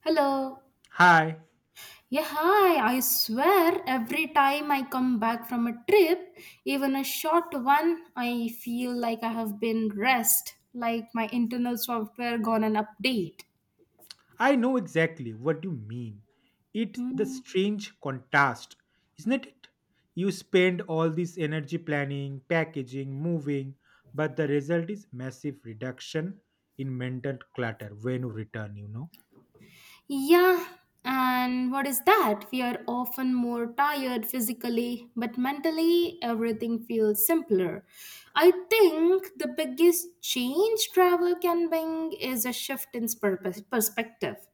Hello. Hi, Yeah, hi. I swear every time I come back from a trip, even a short one, I feel like I have been rest, like my internal software gone an update. I know exactly what you mean. It's the Hmm. strange contrast, isn't it? You spend all this energy planning, packaging, moving, but the result is massive reduction in mental clutter when you return. Yeah, and what is that? We are often more tired physically, but mentally everything feels simpler. I think the biggest change travel can bring is a shift in purpose, perspective.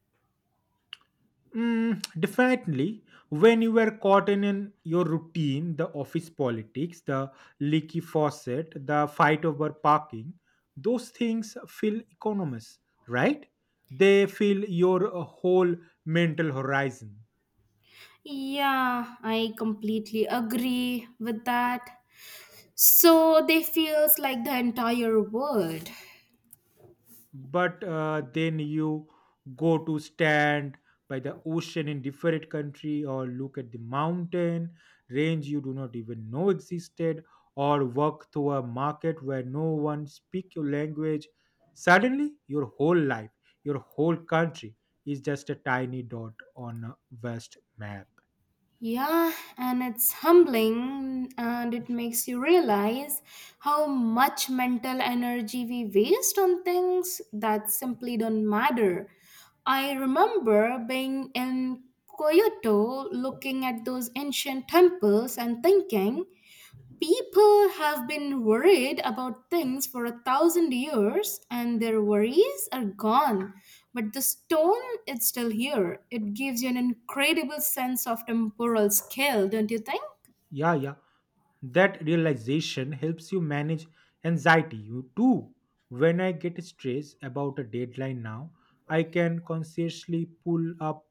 Mm, definitely. When you were caught in your routine, the office politics, the leaky faucet, the fight over parking, those things feel economist, right? They fill your whole mental horizon. Yeah, I completely agree with that. So they feels like the entire world. But then you go to stand by the ocean in different country, or look at the mountain range you do not even know existed, or walk through a market where no one speak your language. Suddenly your whole life, your whole country, is just a tiny dot on a vast map. Yeah, and it's humbling and it makes you realize how much mental energy we waste on things that simply don't matter. I remember being in Kyoto looking at those ancient temples and thinking people have been worried about things for a thousand years and their worries are gone. But the stone is still here. It gives you an incredible sense of temporal scale, don't you think? Yeah, yeah. That realization helps you manage anxiety. You too. When I get stressed about a deadline now, I can consciously pull up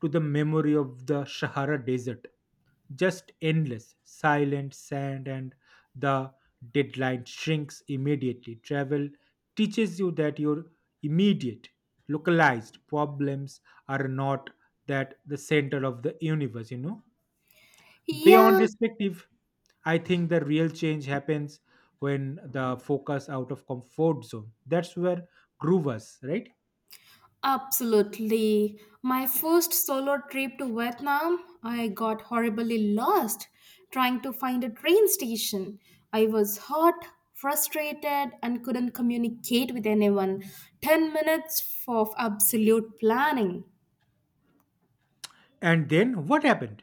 to the memory of the Sahara Desert. Just endless, silent sand, and the deadline shrinks immediately. Travel teaches you that your immediate, localized problems are not that the center of the universe, you know? Beyond Yeah. perspective, I think the real change happens when the focus out of comfort zone. That's where grew was, right? Absolutely. My first solo trip to Vietnam, I got horribly lost trying to find a train station. I was hot, frustrated, and couldn't communicate with anyone. 10 minutes of absolute planning. And then what happened?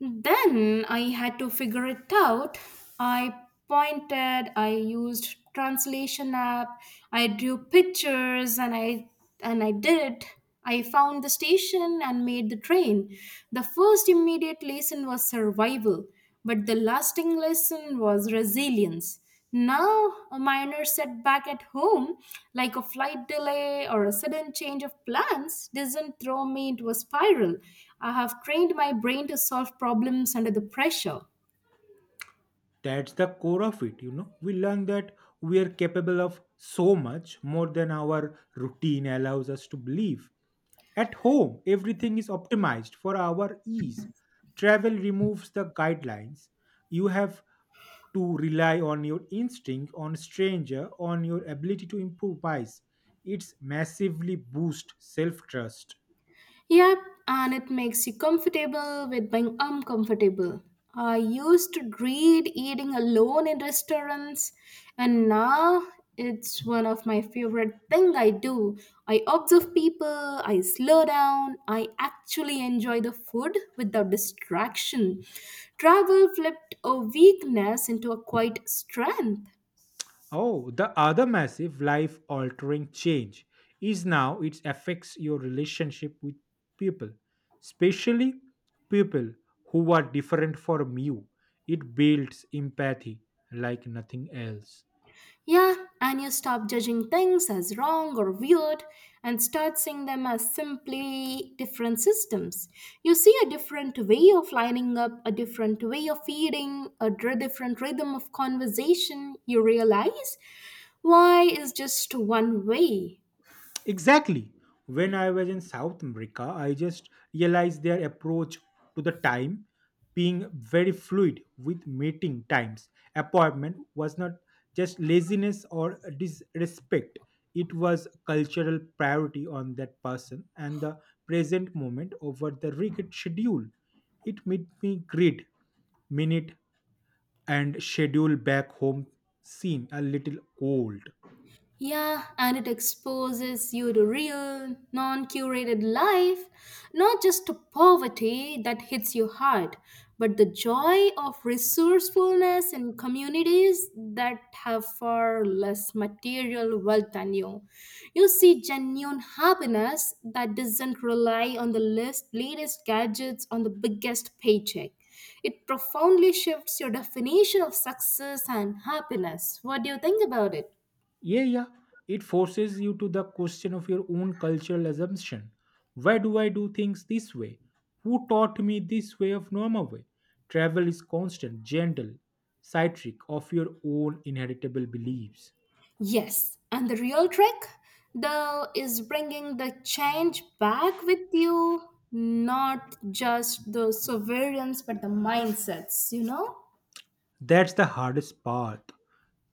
Then I had to figure it out. I pointed, I used translation app, I drew pictures and I did it. I found the station and made the train. The first immediate lesson was survival, but the lasting lesson was resilience. Now, a minor setback at home, like a flight delay or a sudden change of plans, doesn't throw me into a spiral. I have trained my brain to solve problems under the pressure. That's the core of it. We learn that we are capable of so much more than our routine allows us to believe. At home, everything is optimized for our ease. Travel removes the guidelines. You have to rely on your instinct, on stranger, on your ability to improvise. It's massively boost self-trust. Yep, and it makes you comfortable with being uncomfortable. I used to dread eating alone in restaurants, and now it's one of my favorite thing I do. I observe people, I slow down, I actually enjoy the food without distraction. Travel flipped a weakness into a quiet strength. Oh, the other massive life altering change is now it affects your relationship with people, especially people who are different from you. It builds empathy like nothing else. Yeah, and you stop judging things as wrong or weird and start seeing them as simply different systems. You see a different way of lining up, a different way of feeding, different rhythm of conversation. You realize why is just one way. Exactly. When I was in South America, I just realized their approach to the time being very fluid with meeting times. Appointment was not just laziness or disrespect, it was cultural priority on that person and the present moment over the rigid schedule. It made me grid, minute, and schedule back home seem a little cold. Yeah, and it exposes you to real, non curated life, not just to poverty that hits you hard, but the joy of resourcefulness in communities that have far less material wealth than you. You see genuine happiness that doesn't rely on the list, latest gadgets on the biggest paycheck. It profoundly shifts your definition of success and happiness. What do you think about it? Yeah, yeah. It forces you to the question of your own cultural assumption. Why do I do things this way? Who taught me this way of normal way? Travel is constant, gentle, citric of your own inheritable beliefs. Yes, and the real trick, though, is bringing the change back with you, not just the sovereigns, but the mindsets? That's the hardest part.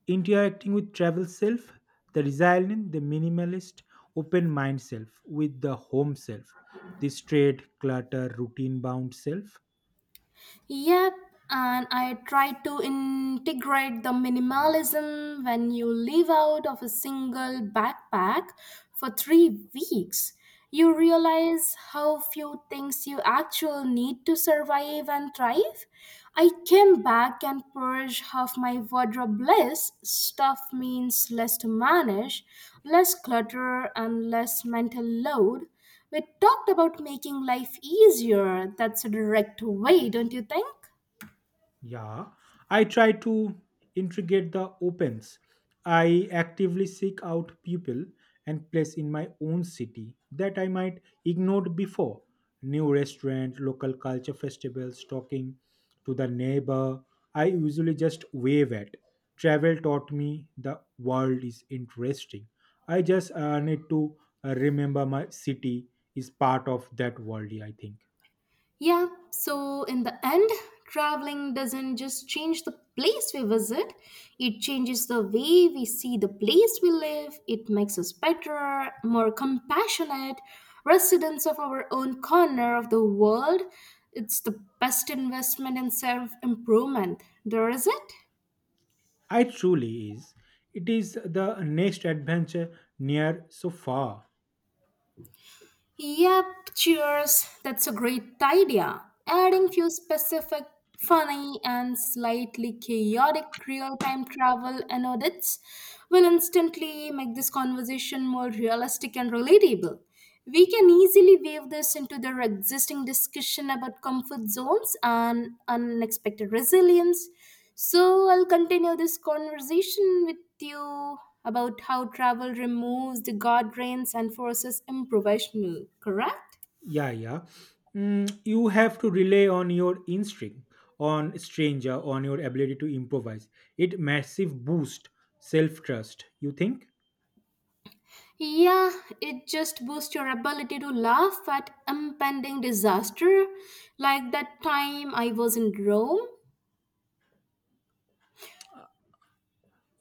Interacting with travel self, the resilient, the minimalist, open mind self, with the home self, the straight, clutter, routine bound self. Yep, and I try to integrate the minimalism when you live out of a single backpack for 3 weeks. You realize how few things you actually need to survive and thrive. I came back and purged half my wardrobe less. Stuff means less to manage, less clutter, and less mental load. We talked about making life easier. That's a direct way, don't you think? Yeah, I try to integrate the opens. I actively seek out people and place in my own city that I might ignored before. New restaurant, local culture festivals, talking to the neighbor. I usually just wave at. Travel taught me the world is interesting. I just need to remember my city is part of that world. I think. Yeah, so in the end, traveling doesn't just change the place we visit, it changes the way we see the place we live. It makes us better, more compassionate, residents of our own corner of the world. It's the best investment in self improvement. There is it? I truly is. It is the next adventure near so far. Yep, cheers. That's a great idea. Adding few specific, funny, and slightly chaotic real-time travel and audits will instantly make this conversation more realistic and relatable. We can easily weave this into their existing discussion about comfort zones and unexpected resilience. So, I'll continue this conversation with you about how travel removes the guardrails and forces improvisational, correct? Yeah, yeah. You have to rely on your instinct, on stranger, on your ability to improvise. It massive boost self trust. You think? Yeah, it just boosts your ability to laugh at impending disaster, like that time I was in Rome.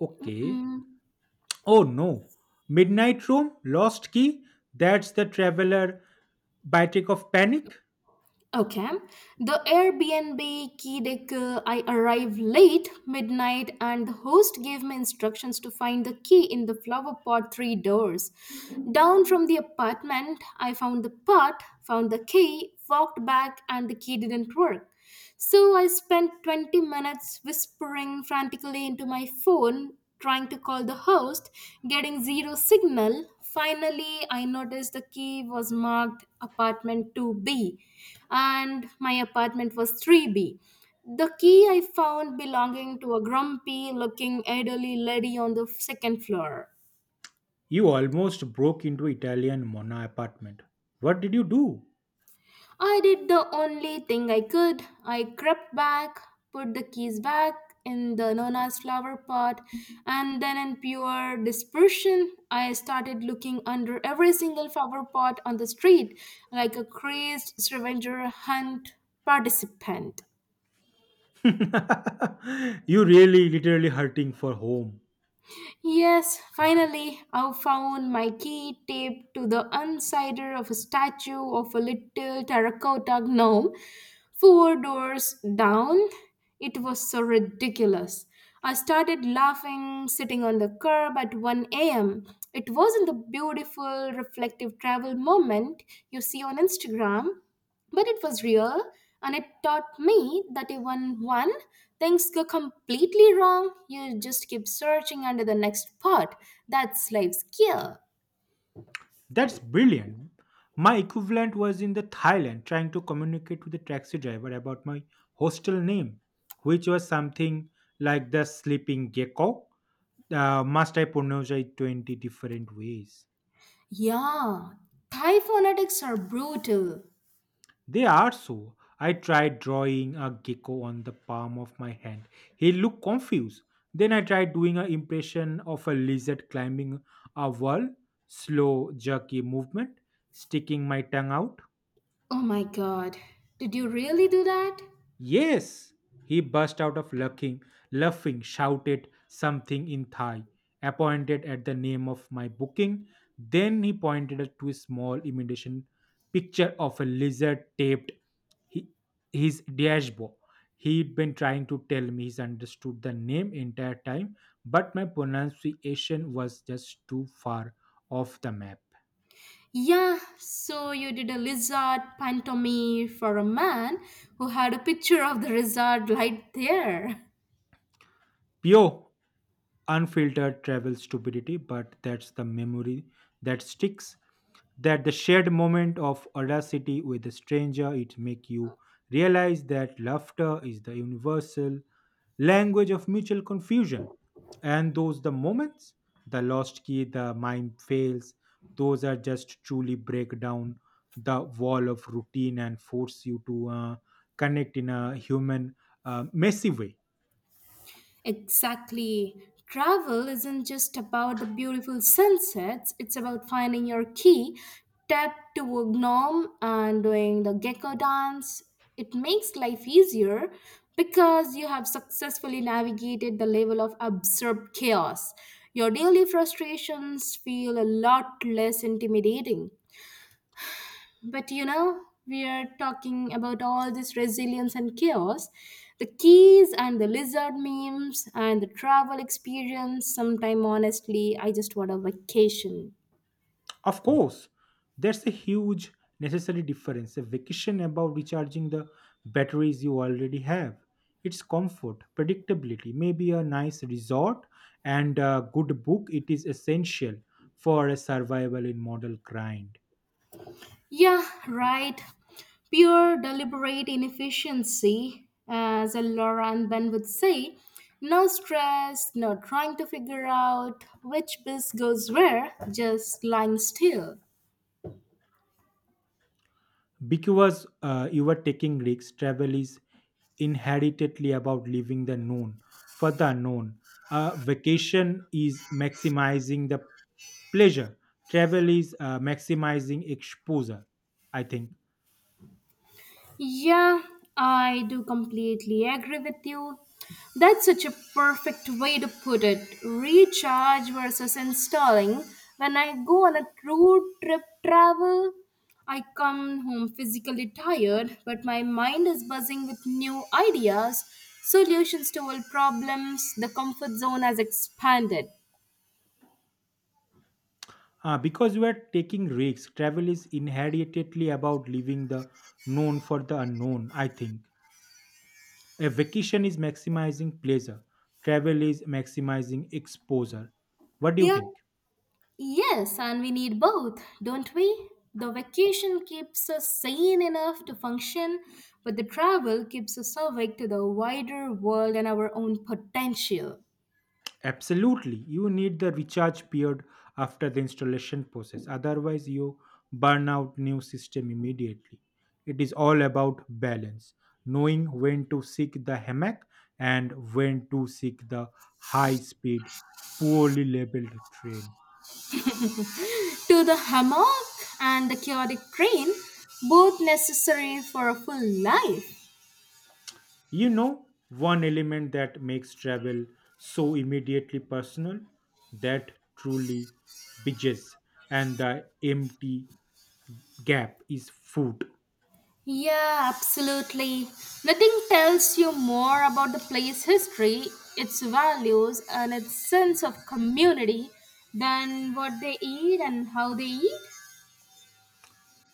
Okay. Mm. Oh no. Midnight room lost key. That's the traveler biotic of panic. Okay. The Airbnb key deck. I arrived late midnight and the host gave me instructions to find the key in the flower pot three doors down from the apartment. I found the pot, found the key, walked back, and the key didn't work. So I spent 20 minutes whispering frantically into my phone, trying to call the host, getting zero signal. Finally, I noticed the key was marked apartment 2B and my apartment was 3B. The key I found belonging to a grumpy looking elderly lady on the second floor. You almost broke into Italian Mona apartment. What did you do? I did the only thing I could. I crept back, put the keys back in the Nona's flower pot, and then in pure desperation, I started looking under every single flower pot on the street like a crazed scavenger hunt participant. You really literally hurting for home. Yes, finally, I found my key taped to the insider of a statue of a little terracotta gnome four doors down. It was so ridiculous. I started laughing sitting on the curb at 1 a.m. It wasn't the beautiful reflective travel moment you see on Instagram. But it was real, and it taught me that even when things go completely wrong, you just keep searching under the next part. That's life's gear. That's brilliant. My equivalent was in the Thailand trying to communicate with the taxi driver about my hostel name, which was something like the sleeping gecko. Must I pronounce it 20 different ways? Yeah, Thai phonetics are brutal. They are so. I tried drawing a gecko on the palm of my hand. He looked confused. Then I tried doing an impression of a lizard climbing a wall, slow, jerky movement, sticking my tongue out. Oh my god, did you really do that? Yes, he burst out of laughing, shouted something in Thai, appointed at the name of my booking. Then he pointed to a small imitation picture of a lizard taped he, his dashboard. He'd been trying to tell me he's understood the name entire time, but my pronunciation was just too far off the map. Yeah, so you did a lizard pantomime for a man who had a picture of the lizard right there. Pio, unfiltered travel stupidity, but that's the memory that sticks. That the shared moment of audacity with a stranger, it make you realize that laughter is the universal language of mutual confusion. And those the moments, the lost key, the mind fails, those are just truly break down the wall of routine and force you to connect in a human, messy way. Exactly. Travel isn't just about the beautiful sunsets, it's about finding your key, tap to a gnome, and doing the gecko dance. It makes life easier because you have successfully navigated the level of absurd chaos. Your daily frustrations feel a lot less intimidating. But you know, we are talking about all this resilience and chaos. The keys and the lizard memes and the travel experience. Sometime, honestly, I just want a vacation. Of course, that's a huge necessary difference. A vacation about recharging the batteries you already have. It's comfort, predictability, maybe a nice resort, and a good book. It is essential for a survival in model grind. Yeah, right. Pure deliberate inefficiency, as Laura and Ben would say. No stress, no trying to figure out which bus goes where, just lying still. Because you are taking risks, travel is inherently about leaving the known for the unknown. A vacation is maximizing the pleasure. Travel is maximizing exposure, I think. Yeah, I do completely agree with you. That's such a perfect way to put it. Recharge versus installing. When I go on a road trip travel, I come home physically tired, but my mind is buzzing with new ideas, solutions to old problems. The comfort zone has expanded. Because you are taking risks, travel is inherently about leaving the known for the unknown, I think. A vacation is maximizing pleasure, travel is maximizing exposure. What do you Yeah. think? Yes, and we need both, don't we? The vacation keeps us sane enough to function, but the travel keeps us awake to the wider world and our own potential. Absolutely, you need the recharge period after the installation process. Otherwise, you burn out new system immediately. It is all about balance, knowing when to seek the hammock and when to seek the high-speed, poorly labeled train. To the hammock and the chaotic train, both necessary for a full life. You know, one element that makes travel so immediately personal that truly bridges and the empty gap is food. Yeah, absolutely. Nothing tells you more about the place's history, its values, and its sense of community than what they eat and how they eat.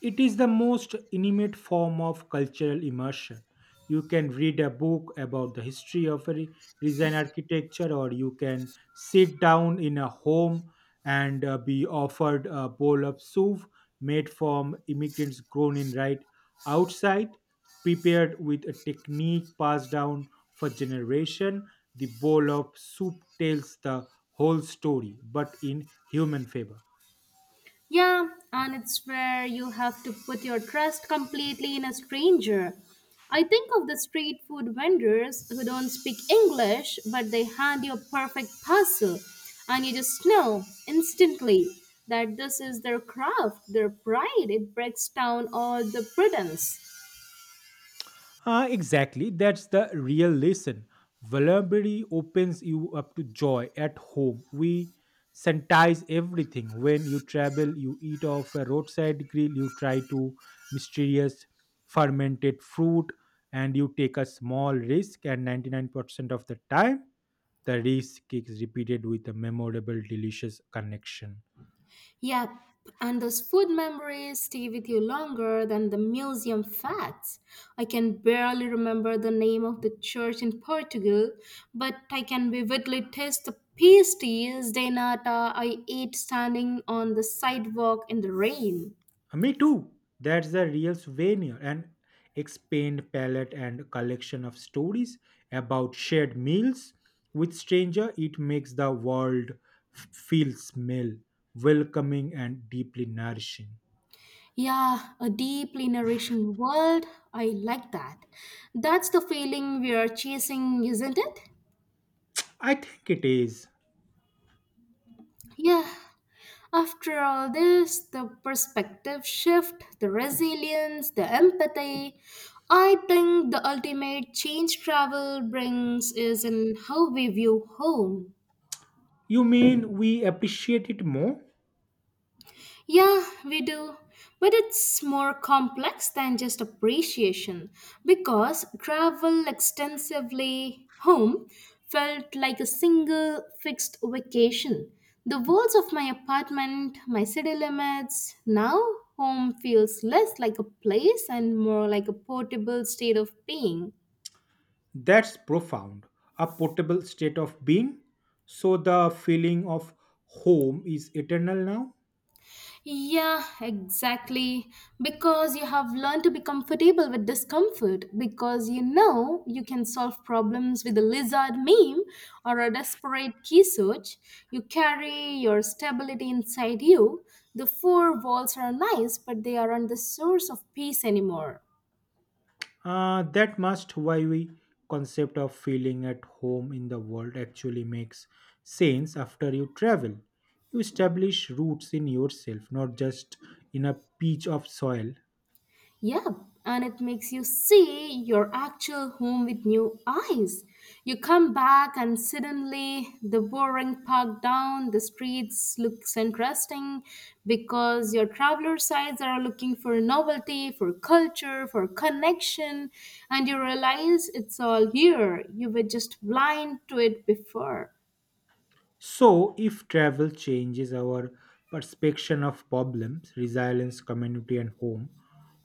It is the most intimate form of cultural immersion. You can read a book about the history of a design architecture, or you can sit down in a home and be offered a bowl of soup made from immigrants grown in right outside, prepared with a technique passed down for generation. The bowl of soup tells the whole story, but in human favor. Yeah, and it's where you have to put your trust completely in a stranger. I think of the street food vendors who don't speak English, but they hand you a perfect parcel, and you just know instantly that this is their craft, their pride. It breaks down all the pretense. Ah, exactly. That's the real lesson. Vulnerability opens you up to joy at home. We sanitize everything. When you travel, you eat off a roadside grill, you try to mysterious fermented fruit, and you take a small risk. And 99% of the time, the risk is repeated with a memorable, delicious connection. Yep, and those food memories stay with you longer than the museum facts. I can barely remember the name of the church in Portugal, but I can vividly taste the pasties de nata I ate standing on the sidewalk in the rain. Me too. That's the real souvenir, an expand palette and collection of stories about shared meals with stranger. It makes the world feel smell welcoming and deeply nourishing. Yeah, a deeply nourishing world. I like that. That's the feeling we are chasing, isn't it? I think it is. Yeah. After all this, the perspective shift, the resilience, the empathy, I think the ultimate change travel brings is in how we view home. You mean we appreciate it more? Yeah, we do. But it's more complex than just appreciation because travel extensively home felt like a single fixed vacation. The walls of my apartment, my city limits, now home feels less like a place and more like a portable state of being. That's profound. A portable state of being. So the feeling of home is eternal now. Yeah, exactly. Because you have learned to be comfortable with discomfort, because you know you can solve problems with a lizard meme or a desperate key search. You carry your stability inside you. The four walls are nice, but they aren't the source of peace anymore. That must why we concept of feeling at home in the world actually makes sense after you travel. You establish roots in yourself, not just in a pitch of soil. Yeah, and it makes you see your actual home with new eyes. You come back, and suddenly the boring park down the streets looks interesting because your traveler sides are looking for novelty, for culture, for connection, and you realize it's all here. You were just blind to it before. So, if travel changes our perception of problems, resilience, community, and home,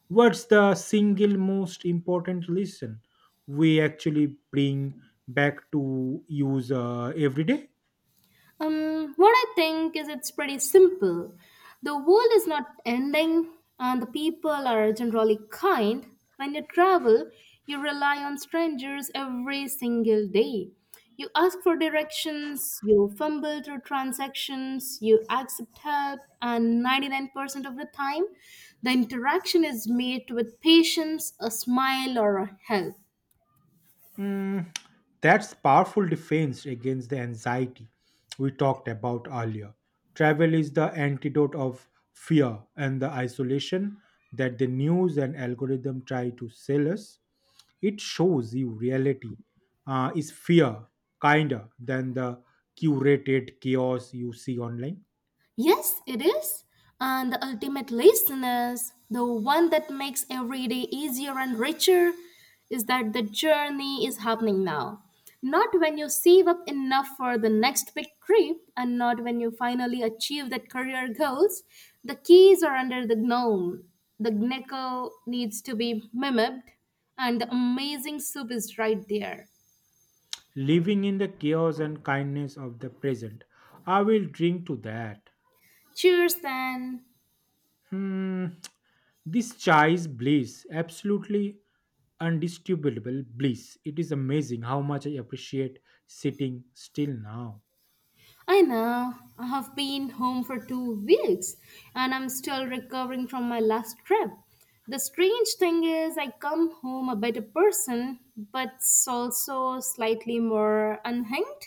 what's the single most important lesson we actually bring back to use every day? What I think is it's pretty simple. The world is not ending, and the people are generally kind. When you travel, you rely on strangers every single day. You ask for directions, you fumble through transactions, you accept help, and 99% of the time, the interaction is met with patience, a smile, or a help. Mm, that's powerful defense against the anxiety we talked about earlier. Travel is the antidote of fear and the isolation that the news and algorithm try to sell us. It shows you reality is fear kinder than the curated chaos you see online. Yes, it is. And the ultimate listeners, the one that makes every day easier and richer, is that the journey is happening now. Not when you save up enough for the next big trip, and not when you finally achieve that career goals. The keys are under the gnome. The nickel needs to be mimed, and the amazing soup is right there. Living in the chaos and kindness of the present. I will drink to that. Cheers, then. Hmm, this child's bliss, absolutely undisputable bliss. It is amazing how much I appreciate sitting still now. I know. I have been home for 2 weeks and I'm still recovering from my last trip. The strange thing is, I come home a better person, but also slightly more unhinged.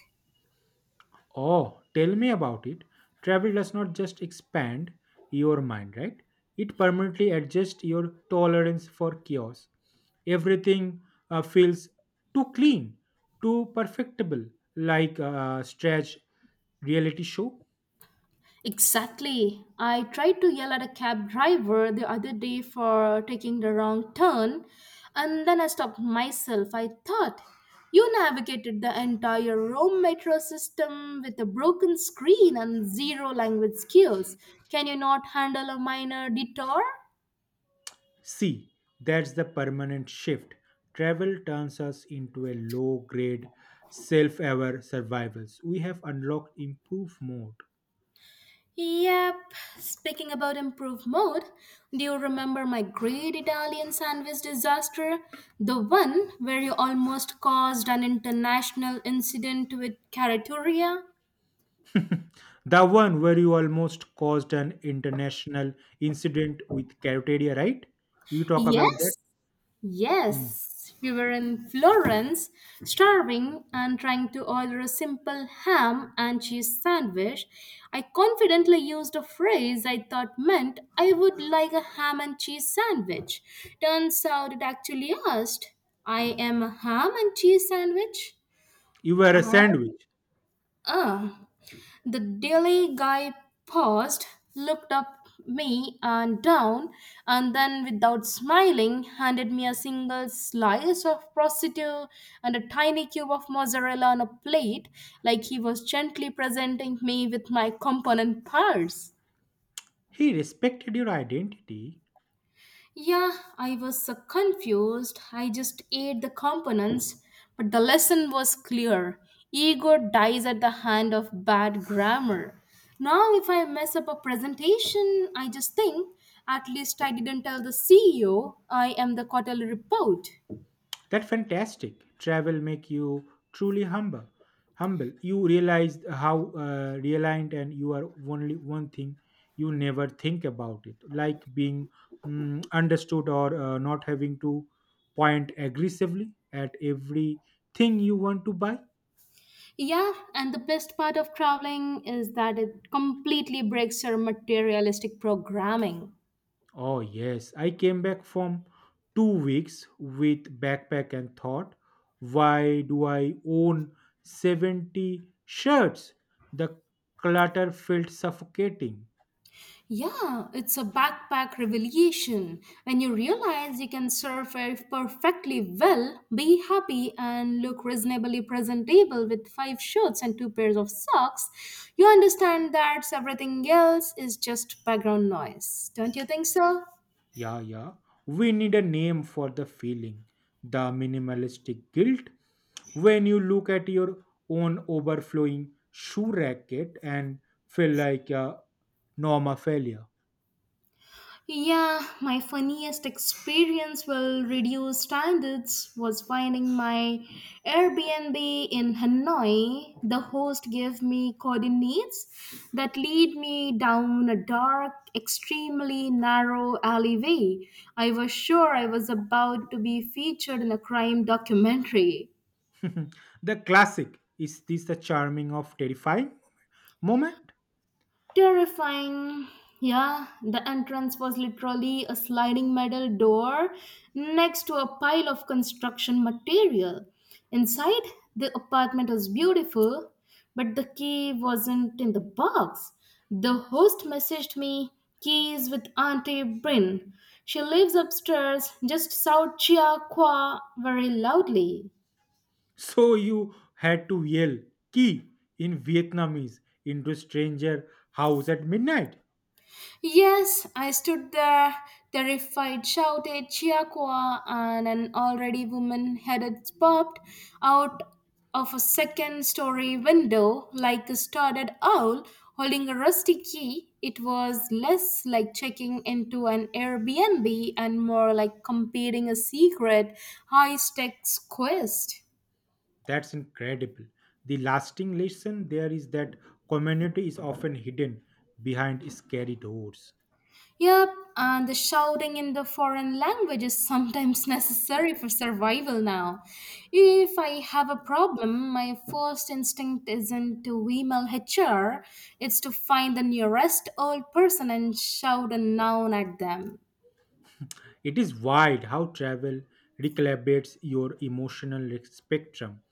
Oh, tell me about it. Travel does not just expand your mind, right? It permanently adjusts your tolerance for chaos. Everything feels too clean, too perfectible, like a stretch reality show. Exactly. I tried to yell at a cab driver the other day for taking the wrong turn, and then I stopped myself. I thought, you navigated the entire Rome metro system with a broken screen and zero language skills. Can you not handle a minor detour? See, that's the permanent shift. Travel turns us into a low grade, self aware survivals. We have unlocked improve mode. Yep, speaking about improved mode, do you remember my great Italian sandwich disaster? The one where you almost caused an international incident with Carrettoria? The one where you almost caused an international incident with cafeteria, right? You talk about that? Yes, Mm. yes, we were in Florence, starving and trying to order a simple ham and cheese sandwich. I confidently used a phrase I thought meant I would like a ham and cheese sandwich. Turns out it actually asked, I am a ham and cheese sandwich? You were a Are you? sandwich. Ah. The daily guy paused, looked up me and down, and then, without smiling, handed me a single slice of prosciutto and a tiny cube of mozzarella on a plate, like he was gently presenting me with my component parts. He respected your identity. Yeah, I was so confused. I just ate the components, but the lesson was clear. Ego dies at the hand of bad grammar. Now, if I mess up a presentation, I just think, at least I didn't tell the CEO I am the quarterly report. That's fantastic. Travel make you truly humble. Humble. You realize how realigned and you are only one thing you never think about it, like being understood or not having to point aggressively at everything you want to buy. Yeah, and the best part of traveling is that it completely breaks your materialistic programming. Oh, yes. I came back from 2 weeks with backpack and thought, why do I own 70 shirts? The clutter felt suffocating. Yeah, it's a backpack revelation. When you realize you can survive perfectly well, be happy, and look reasonably presentable with five shirts and two pairs of socks, you understand that everything else is just background noise. Don't you think so? Yeah, yeah. We need a name for the feeling, the minimalistic guilt. When you look at your own overflowing shoe racket and feel like a norma failure. Yeah, my funniest experience will reduce standards was finding my Airbnb in Hanoi. The host gave me coordinates that lead me down a dark, extremely narrow alleyway. I was sure I was about to be featured in a crime documentary. The classic is this the charming of terrifying moment? Terrifying. Yeah, the entrance was literally a sliding metal door next to a pile of construction material. Inside, the apartment was beautiful, but the key wasn't in the box. The host messaged me keys with Auntie Brin. She lives upstairs, just shout Chia Kwa very loudly. So you had to yell "ki" in Vietnamese into a stranger house at midnight. Yes, I stood there, terrified, shouted "Chiaqua!" and an already woman headed popped out of a second story window like a startled owl holding a rusty key. It was less like checking into an Airbnb and more like completing a secret high stakes quest. That's incredible. The lasting lesson there is that community is often hidden behind scary doors. Yep, and the shouting in the foreign language is sometimes necessary for survival now. If I have a problem, my first instinct isn't to email HR, it's to find the nearest old person and shout a noun at them. It is wild how travel recalibrates your emotional spectrum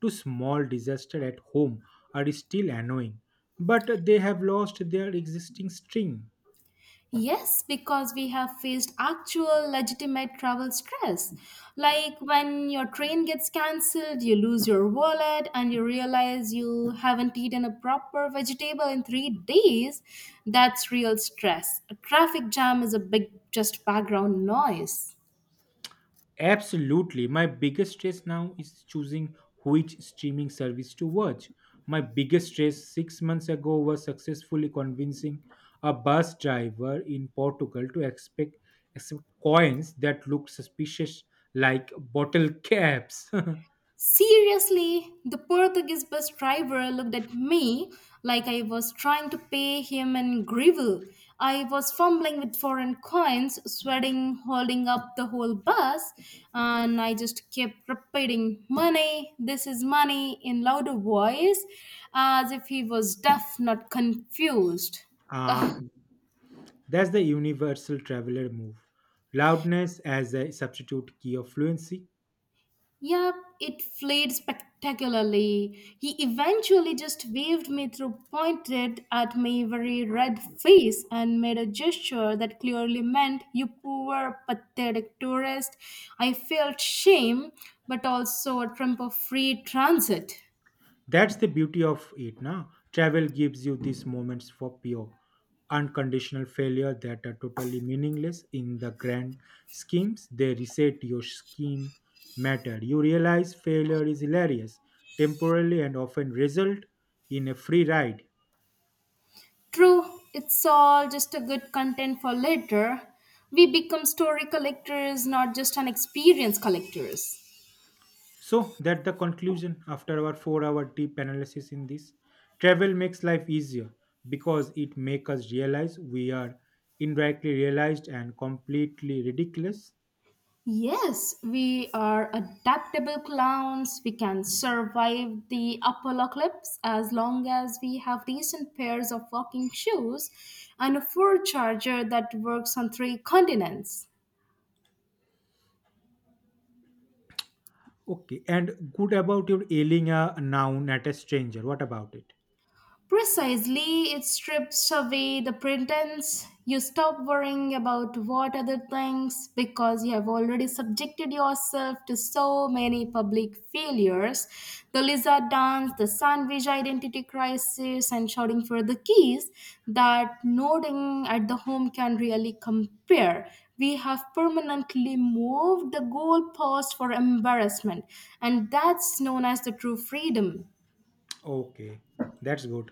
to small disaster at home are still annoying, but they have lost their existing sting. Yes, because we have faced actual legitimate travel stress. Like when your train gets cancelled, you lose your wallet, and you realize you haven't eaten a proper vegetable in 3 days. That's real stress. A traffic jam is a big, just background noise. Absolutely. My biggest stress now is choosing which streaming service to watch. My biggest stress 6 months ago was successfully convincing a bus driver in Portugal to expect, accept coins that looked suspicious like bottle caps. Seriously, the Portuguese bus driver looked at me like I was trying to pay him in gravel. I was fumbling with foreign coins, sweating, holding up the whole bus, and I just kept repeating, money, this is money, in louder voice, as if he was deaf, not confused. uh, that's the universal traveler move. Loudness as a substitute key of fluency. Yeah, it flared spectacularly. He eventually just waved me through, pointed at my very red face, and made a gesture that clearly meant, you poor, pathetic tourist. I felt shame, but also a trump of free transit. That's the beauty of it now. Travel gives you these moments for pure, unconditional failure that are totally meaningless in the grand schemes. They reset your scheme matter. You realize failure is hilarious, temporarily, and often result in a free ride. True, it's all just a good content for later. We become story collectors, not just an experience collectors. So that the conclusion after our 4-hour deep analysis in this travel makes life easier because it makes us realize we are indirectly realized and completely ridiculous. Yes, we are adaptable clowns. We can survive the apocalypse as long as we have decent pairs of walking shoes and a fur charger that works on three continents. Okay, and good about your yelling a noun at a stranger. What about it? Precisely, it strips away the pretense. You stop worrying about what other things because you have already subjected yourself to so many public failures, the lizard dance, the sandwich identity crisis, and shouting for the keys that nodding at the home can really compare. We have permanently moved the goalpost for embarrassment, and that's known as the true freedom. Okay, that's good.